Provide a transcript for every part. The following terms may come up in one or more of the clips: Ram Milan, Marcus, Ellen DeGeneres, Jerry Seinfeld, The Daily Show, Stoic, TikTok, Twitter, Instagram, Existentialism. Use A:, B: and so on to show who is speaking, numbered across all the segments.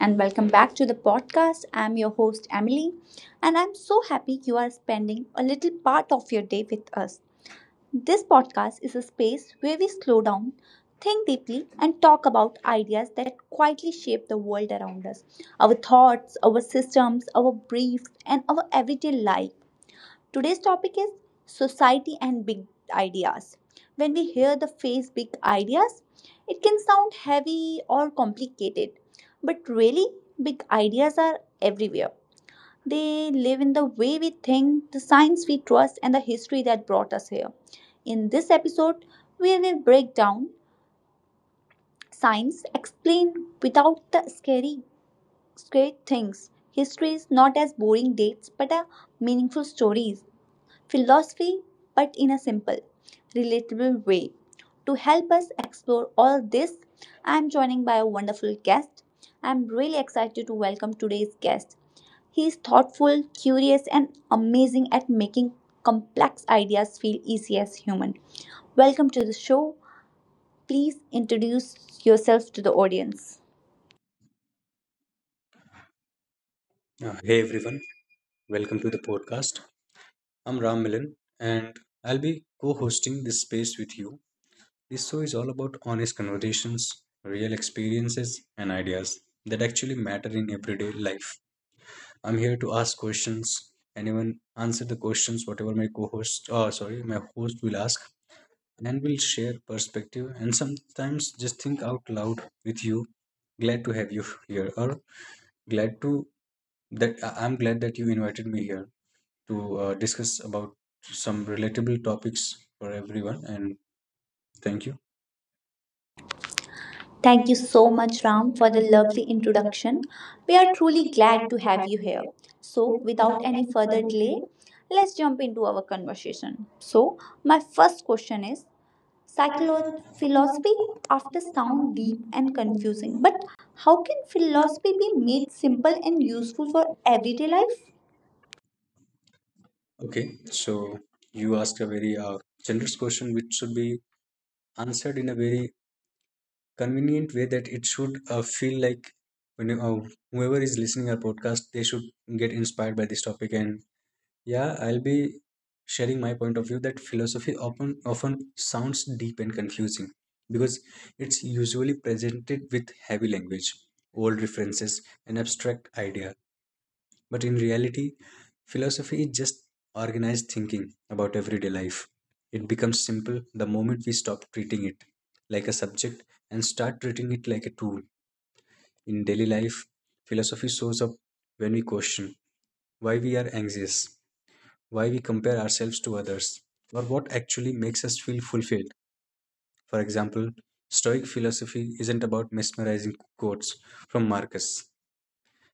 A: and welcome back to the podcast. I'm your host, Emily, and I'm so happy you are spending a little part of your day with us. This podcast is a space where we slow down, think deeply, and talk about ideas that quietly shape the world around us, our thoughts, our systems, our briefs, and our everyday life. Today's topic is society and big ideas. When we hear the phrase big ideas, it can sound heavy or complicated, but really, big ideas are everywhere. They live in the way we think, the science we trust, and the history that brought us here. In this episode, we will break down science explained without the scary things. History is not as boring dates but a meaningful stories philosophy, but in a simple, relatable way. To help us explore all this, I'm joining by a wonderful guest. I'm really excited to welcome today's guest. He is thoughtful, curious, and amazing at making complex ideas feel easy as human. Welcome to the show. Please introduce yourself to the audience.
B: Hey everyone, welcome to the podcast. I'm Ram Milan and I'll be co hosting this space with you. This show is all about honest conversations, real experiences, and ideas that actually matter in everyday life. I'm here to ask questions, anyone answer the questions, whatever my co host, oh, sorry, my host will ask, and we'll share perspective and sometimes just think out loud with you. Glad to have you here, or glad to that I'm glad that you invited me here to discuss about some relatable topics for everyone. And thank you.
A: Thank you
B: Thank you
A: so
B: so much,
A: much, Ram,
B: Sam,
A: for
B: for
A: the
B: the
A: lovely
B: lovely
A: introduction.
B: introduction.
A: We
B: We
A: are
B: are
A: truly
B: truly
A: glad
B: glad
A: to
B: to
A: have
B: have
A: you
B: you
A: here.
B: here.
A: So,
B: So,
A: without
B: without
A: any
B: any
A: further
B: further
A: delay,
B: delay,
A: let's jump into our conversation. So, my first question is
B: start
A: psycholo-
B: your
A: philosophy
B: philosophy
A: after
B: after
A: sound
B: sound
A: deep
B: view
A: and
B: and
A: confusing,
B: conclusion. But
A: but how
B: how
A: can
B: can
A: philosophy
B: philosophy
A: be
B: be made
A: made simple
B: simple
A: and
B: and
A: useful
B: useful
A: for
B: for
A: everyday
B: everyday
A: life?
B: life? Okay, so you asked a very generous question which should be answered in a very convenient way that it should feel like when you- whoever is listening our podcast they should get inspired by this topic and yeah, I'll be sharing my point of view that philosophy often sounds deep and confusing because it's usually presented with heavy language old references and abstract ideas but in reality, philosophy is just organized thinking about everyday life. It becomes simple the moment we stop treating it like a subject and start treating it like a tool. In daily life, philosophy shows up when we question why we are anxious, why we compare ourselves to others, or what actually makes us feel fulfilled. For example, Stoic philosophy isn't about mesmerizing quotes from Marcus.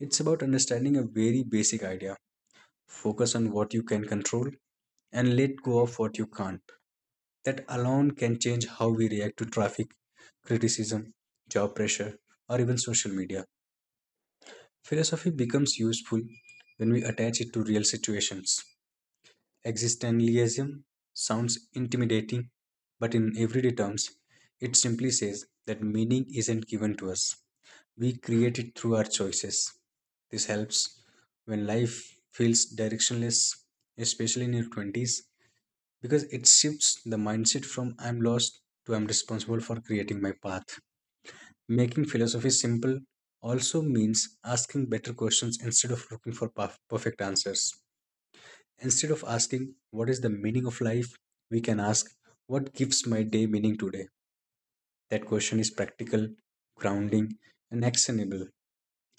B: It's about understanding a very basic idea. Focus on what you can control and let go of what you can't. That alone can change how we react to traffic, criticism, job pressure, or even social media. Philosophy becomes useful when we attach it to real situations. Existentialism sounds intimidating, but in everyday terms, it simply says that meaning isn't given to us. We create it through our choices. This helps when life feels directionless, especially in your 20s, because it shifts the mindset from I'm lost to I'm responsible for creating my path. Making philosophy simple also means asking better questions instead of looking for perfect answers. Instead of asking, what is the meaning of life? We can ask, what gives my day meaning today? That question is practical, grounding, and actionable.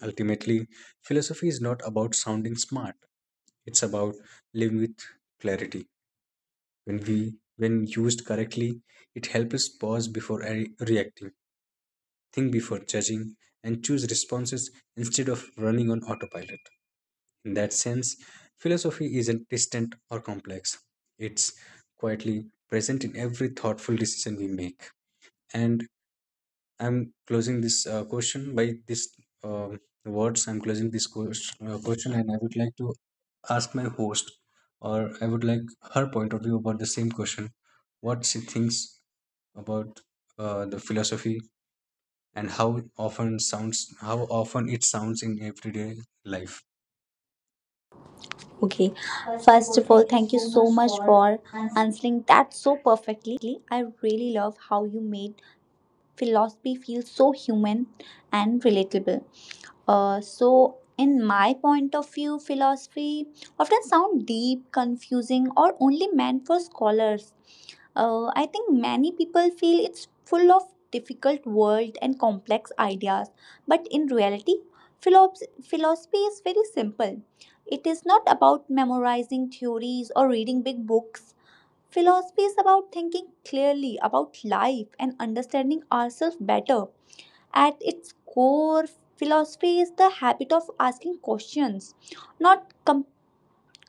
B: Ultimately, philosophy is not about sounding smart, it's about living with clarity. When used correctly, it helps us pause before reacting, think before judging, and choose responses instead of running on autopilot. In that sense, philosophy isn't distant or complex. It's quietly present in every thoughtful decision we make. And I'm closing this question by this um words. I'm closing this question, and I would like to ask my host, or I would like her point of view about the same question, what she thinks about the philosophy and how often sounds how often it sounds in everyday life.
A: Okay,
B: First of
A: first
B: all,
A: of all,
B: thank you
A: thank you
B: so
A: so
B: much
A: much
B: for
A: for
B: answering.
A: answering that so perfectly. I really love how you made philosophy feels so human and relatable. So, in my point of view, philosophy often sound deep, confusing, or only meant for scholars. I think many people feel it's full of difficult world and complex ideas, but in reality, philosophy is very simple. It is not about memorizing theories or reading big books. Philosophy is about thinking clearly about life and understanding ourselves better. At its core, philosophy is the habit of asking questions, not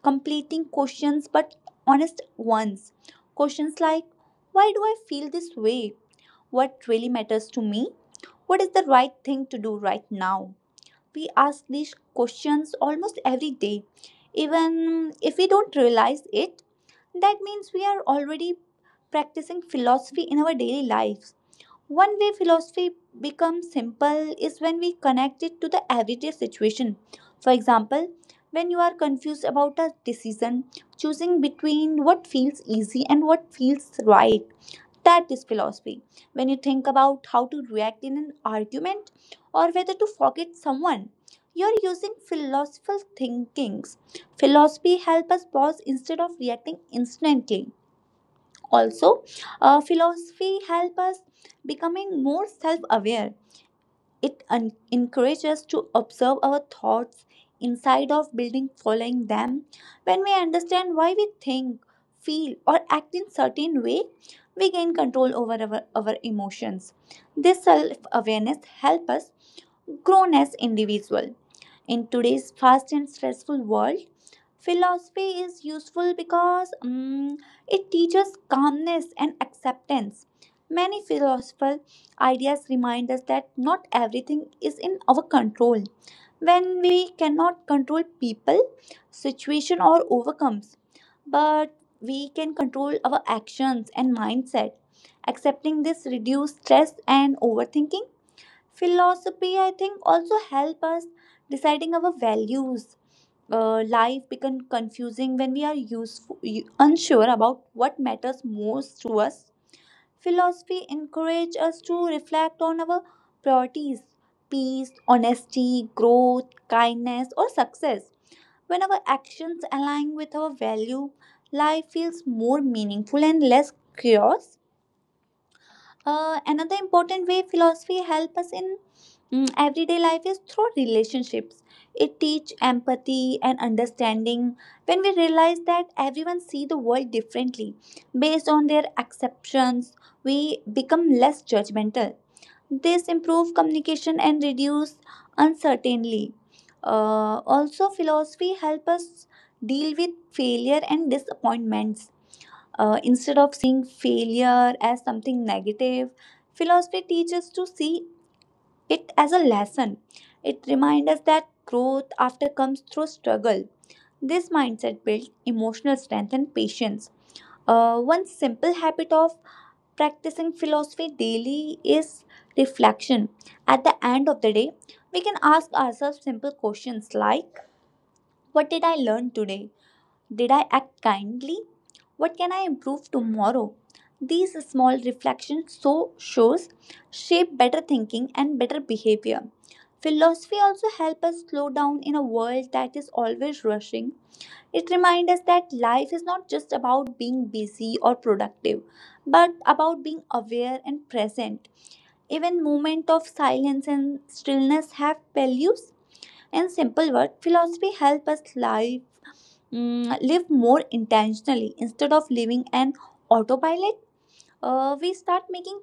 A: completing questions but honest ones. Questions like, why do I feel this way? What really matters to me? What is the right thing to do right now? We ask these questions almost every day, even if we don't realize it, that means we are already practicing philosophy in our daily lives. One way philosophy becomes simple is when we connect it to the everyday situation. For example, when you are confused about a decision, choosing between what feels easy and what feels right, that this philosophy. When you think about how to react in an argument or whether to forget someone, you're using philosophical thinkings. Philosophy help us pause instead of reacting instantly. Also, philosophy help us becoming more self-aware, it encourages us to observe our thoughts inside of building, following them. When we understand why we think, feel, or act in certain way, we gain control over our emotions. This self awareness helps us grown as individual. In today's fast and stressful world, philosophy is useful because it teaches calmness and acceptance. Many philosophical ideas remind us that not everything is in our control. When we cannot control people, situation, or overcomes, but we can control our actions and mindset. Accepting this reduces stress and overthinking philosophy I think also help us deciding our values life become confusing when we are useful, unsure about what matters most to us philosophy encourage us to reflect on our priorities peace honesty growth kindness or success when our actions align with our value life feels more meaningful and less chaos. Uh, another important way philosophy help us in everyday life is through relationships. It teach empathy and understanding. When we realize that everyone see the world differently based on their exceptions, we become less judgmental. This improve communication and reduce uncertainty. Also, philosophy help us deal with failure and disappointments. Instead of seeing failure as something negative, philosophy teaches to see it as a lesson. It reminds us that growth after comes through struggle. This mindset builds emotional strength and patience. One simple habit of practicing philosophy daily is reflection. At the end of the day, we can ask ourselves simple questions like, what did I learn today? Did I act kindly? What can I improve tomorrow? These small reflections shows shape better thinking and better behavior. Philosophy also helps us slow down in a world that is always rushing. It reminds us that life is not just about being busy or productive, but about being aware and present. Even moments of silence and stillness have values. In simple words, philosophy helps us live live more intentionally instead of living an autopilot, we start making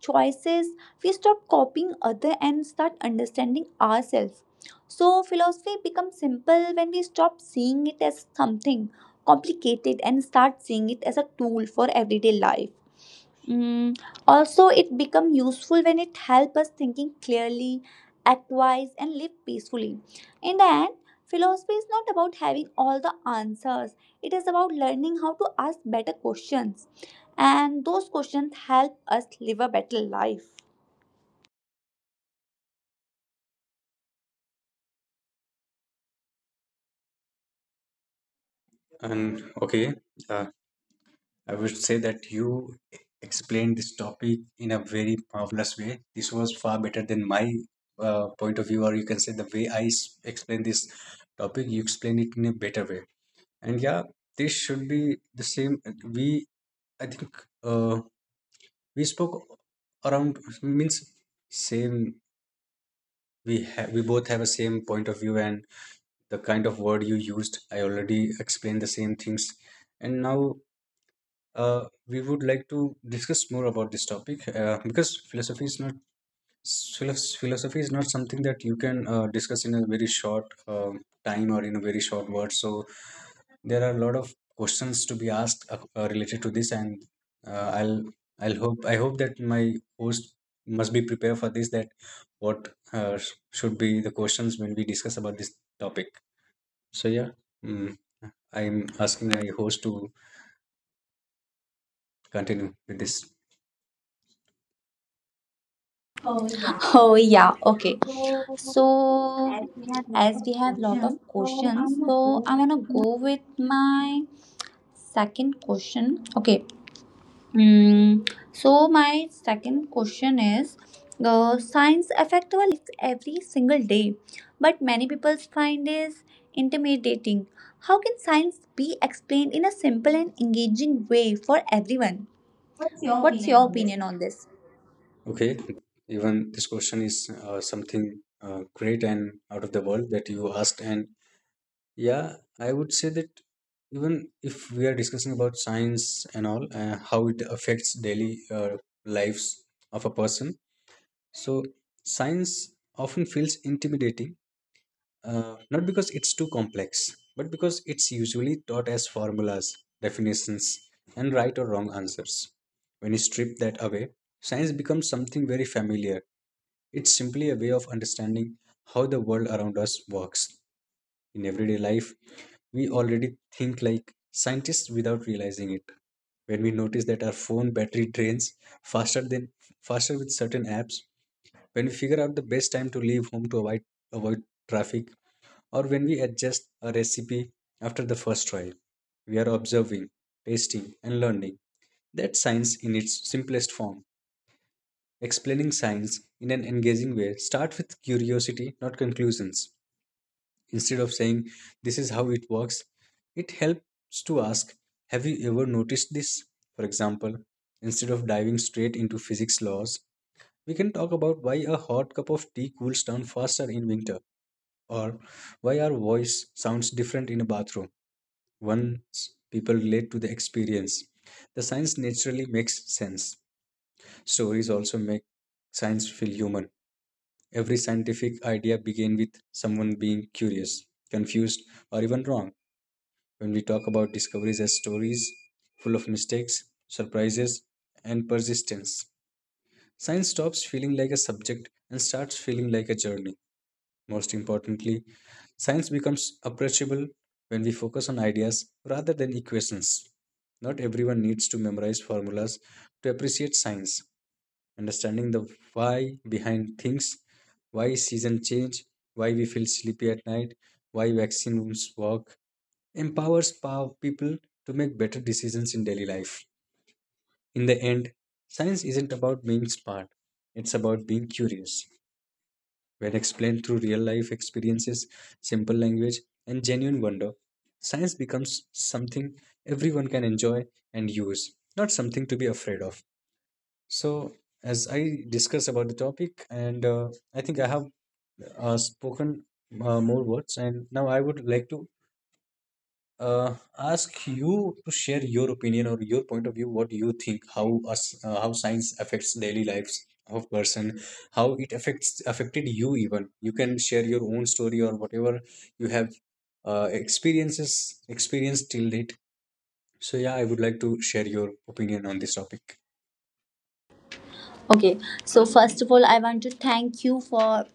A: choices, we stop copying other and start understanding ourselves, so philosophy becomes simple when we stop seeing it as something complicated and start seeing it as a tool for everyday life. Mm, also, it become useful when it help us thinking clearly, act wise, and live peacefully. In the end, philosophy is not about having all the answers. It is about learning how to ask better questions, and those questions help us live a better life.
B: And okay, uh, I would say that you explained this topic in a very marvelous way. This was far better than my point of view, or you can say the way I explain this topic. You explained it in a better way, and yeah, this should be the same. We, I think, uh, we spoke around means same we have we both have a same point of view and the kind of word you used I already explained the same things and now, we would like to discuss more about this topic because philosophy is not philo- Philosophy is not something that you can discuss in a very short time or in a very short word. So there are a lot of questions to be asked, related to this, and uh, I'll I hope that my host must be prepared for this. That what should be the questions when we discuss about this topic. So yeah, mm, I'm asking my host to continue with this. Oh, yeah,
A: Oh
B: okay.
A: yeah, okay.
B: So
A: So,
B: as we had a lot
A: as
B: of
A: we have lot of
B: questions. So
A: questions,
B: I'm gonna go
A: so I'm
B: with
A: gonna go with my second question. Okay, Mm, so my second question is, science affect our lives every single day, but many people find is intimidating. How can science be explained in a simple and engaging way for everyone?
B: what's your
A: What's
B: opinion
A: your
B: on this?
A: opinion on this?
B: Okay, even this question is something great and out of the world that you asked. And yeah, I would say that even if we are discussing about science and all, how it affects daily lives of a person, so science often feels intimidating, not because it's too complex, but because it's usually taught as formulas, definitions, and right or wrong answers. When you strip that away, science becomes something very familiar. It's simply a way of understanding how the world around us works. In everyday life, we already think like scientists without realizing it. When we notice that our phone battery drains faster than faster with certain apps, when we figure out the best time to leave home to avoid traffic, or when we adjust a recipe after the first trial. We are observing, tasting, and learning. That's science in its simplest form. Explaining science in an engaging way, start with curiosity, not conclusions. Instead of saying, this is how it works, it helps to ask, have you ever noticed this? For example, instead of diving straight into physics laws, we can talk about why a hot cup of tea cools down faster in winter, or why our voice sounds different in a bathroom. Once people relate to the experience, the science naturally makes sense. Stories also make science feel human. Every scientific idea began with someone being curious, confused, or even wrong. When we talk about discoveries as stories full of mistakes, surprises, and persistence, science stops feeling like a subject and starts feeling like a journey. Most importantly, science becomes approachable when we focus on ideas rather than equations. Not everyone needs to memorize formulas to appreciate science. Understanding the why behind things, why seasons change, why we feel sleepy at night, why vaccines work, empowers people to make better decisions in daily life. In the end, science isn't about being smart, it's about being curious were explained through real life experiences, simple language, and genuine wonder. Science becomes something everyone can enjoy and use, not something to be afraid of. So, as I discuss about the topic, and I think I have spoken more words, and now I would like to ask you to share your opinion or your point of view what do you think how us how science affects daily lives of person how it affects affected you even you can share your own story or whatever you have experiences experienced till date so yeah I would like to share your opinion on this topic
A: Okay, so first of all, I want to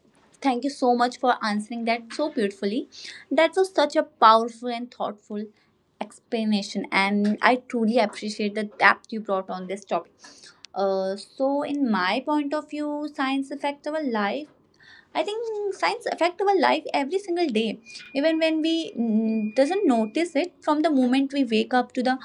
A: thank you so much for answering that so beautifully. That was such a powerful and thoughtful explanation, and I truly appreciate the depth you brought on this topic. So, in my point of view, science affects our life. I think science affects our life every single day, even when we doesn't notice it. From the moment we wake up to the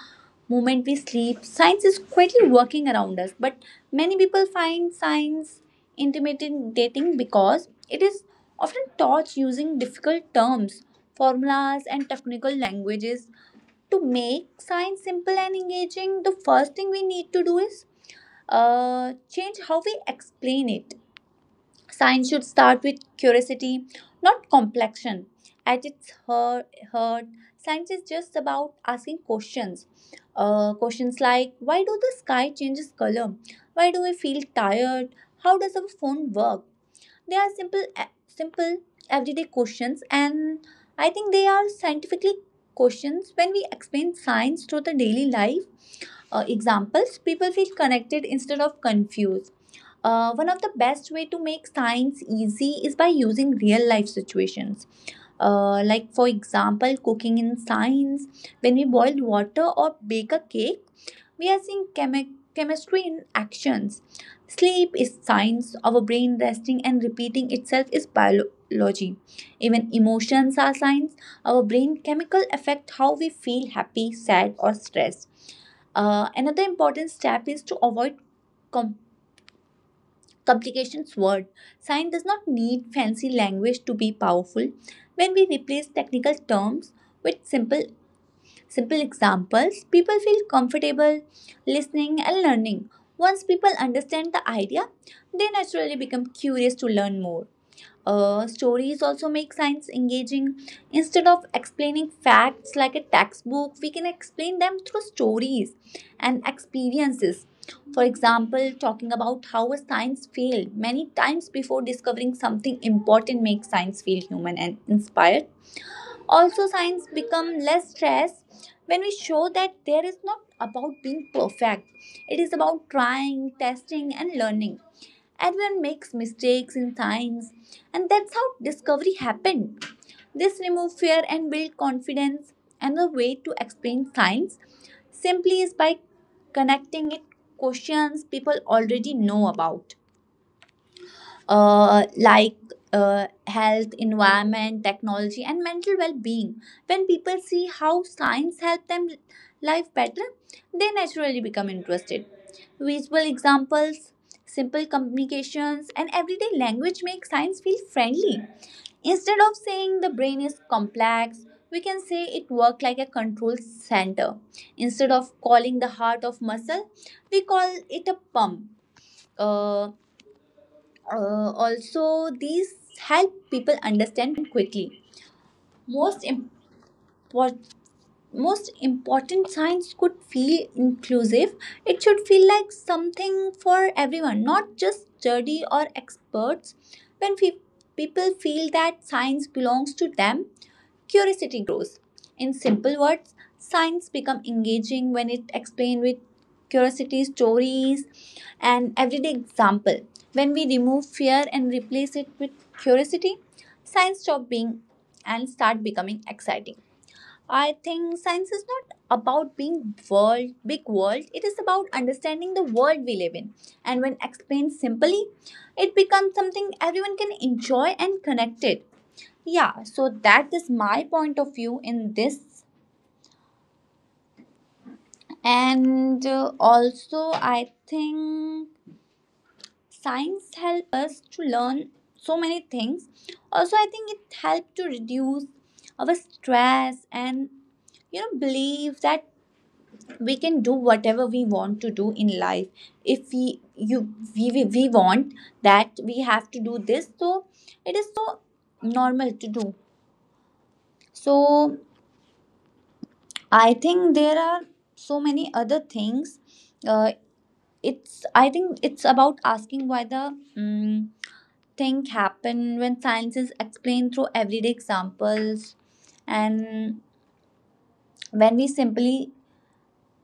A: moment we sleep. Science is quietly working around us, but many people find science intimidating because it is often taught using difficult terms, formulas, and technical languages. To make science simple and engaging, the first thing we need to do is change how we explain it. Science should start with curiosity, not complexion. At its heart science is just about asking questions. Questions like, why do the sky changes color? Why do we feel tired? How does our phone work? They are simple, simple everyday questions, and I think they are scientifically questions. When we explain science through the daily life examples, people feel connected instead of confused. One of the best way to make science easy is by using real life situations. Like for example, cooking in science, when we boil water or bake a cake, we are seeing chemistry in actions. Sleep is science. Our brain resting and repeating itself is biology. Even emotions are science. Our brain chemical affect how we feel happy, sad, or stressed. Another important step is to avoid complications word. Science does not need fancy language to be powerful. When we replace technical terms with simple examples, people feel comfortable listening and learning. Once people understand the idea, they naturally become curious to learn more. Stories also make science engaging. Instead of explaining facts like a textbook, we can explain them through stories and experiences. For example, talking about how a science failed many times before discovering something important makes science feel human and inspired. Also, science become less stress when we show that there is not about being perfect. It is about trying, testing, and learning. Everyone makes mistakes in science, and that's how discovery happened. This removes fear and build confidence. Another way to explain science simply is by connecting it questions people already know about, like, health, environment, technology, and mental well being. When people see how science helps them live better, they naturally become interested. Visual examples, simple communications, and everyday language make science feel friendly. Instead of saying the brain is complex, we can say it works like a control center. Instead of calling the heart of muscle, we call it a pump. Uh, also, these help people understand quickly. Most important Hmm. most important science could feel inclusive it should feel like something for everyone not just study or experts when people feel that science belongs to them curiosity grows in simple words science become engaging when it explained with curiosity stories and everyday example when we remove fear and replace it with curiosity science stop being and start becoming exciting. I think science is not about being world big world. It is about understanding the world we live in. And when explained simply, it becomes something everyone can enjoy and connect it. Yeah, so that is my point of view in this. And also I think science help us to learn so many things. Also I think it helped to reduce our stress and you know believe that we can do whatever we want to do in life if we we want that we have to do this so it is so normal to do so I think there are so many other things uh, it's I think it's about asking why the um, thing happen when science is explained through everyday examples and when we simply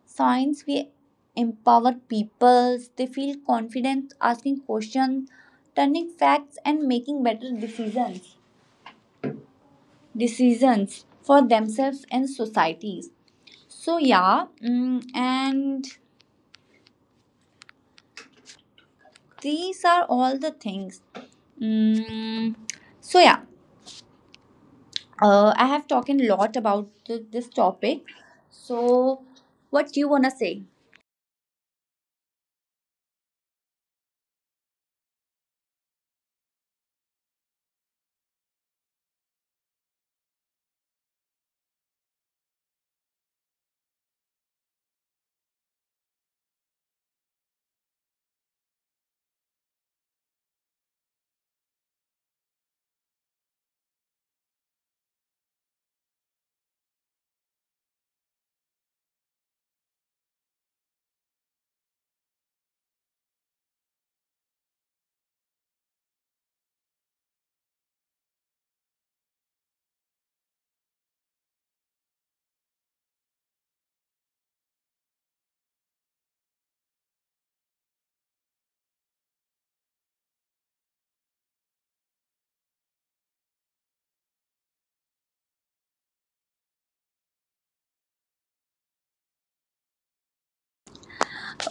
A: science we empower people they feel confident asking questions turning facts and making better decisions for themselves and societies so yeah and these are all the things. Mm, so yeah, I have talked a lot about this topic. So, what do you wanna say?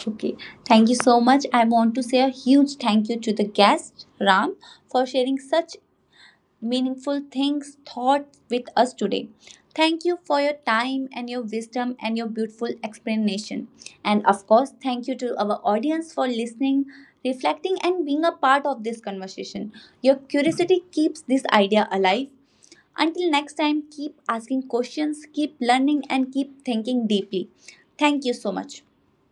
A: Okay, thank you so much. I want to say a huge thank you to the guest, Ram, for sharing such meaningful things, thoughts with us today. Thank you for your time and your wisdom and your beautiful explanation. And of course, thank you to our audience for listening, reflecting, and being a part of this conversation. Your curiosity keeps this idea alive. Until next time, keep asking questions, keep learning, and keep thinking deeply. Thank you so much.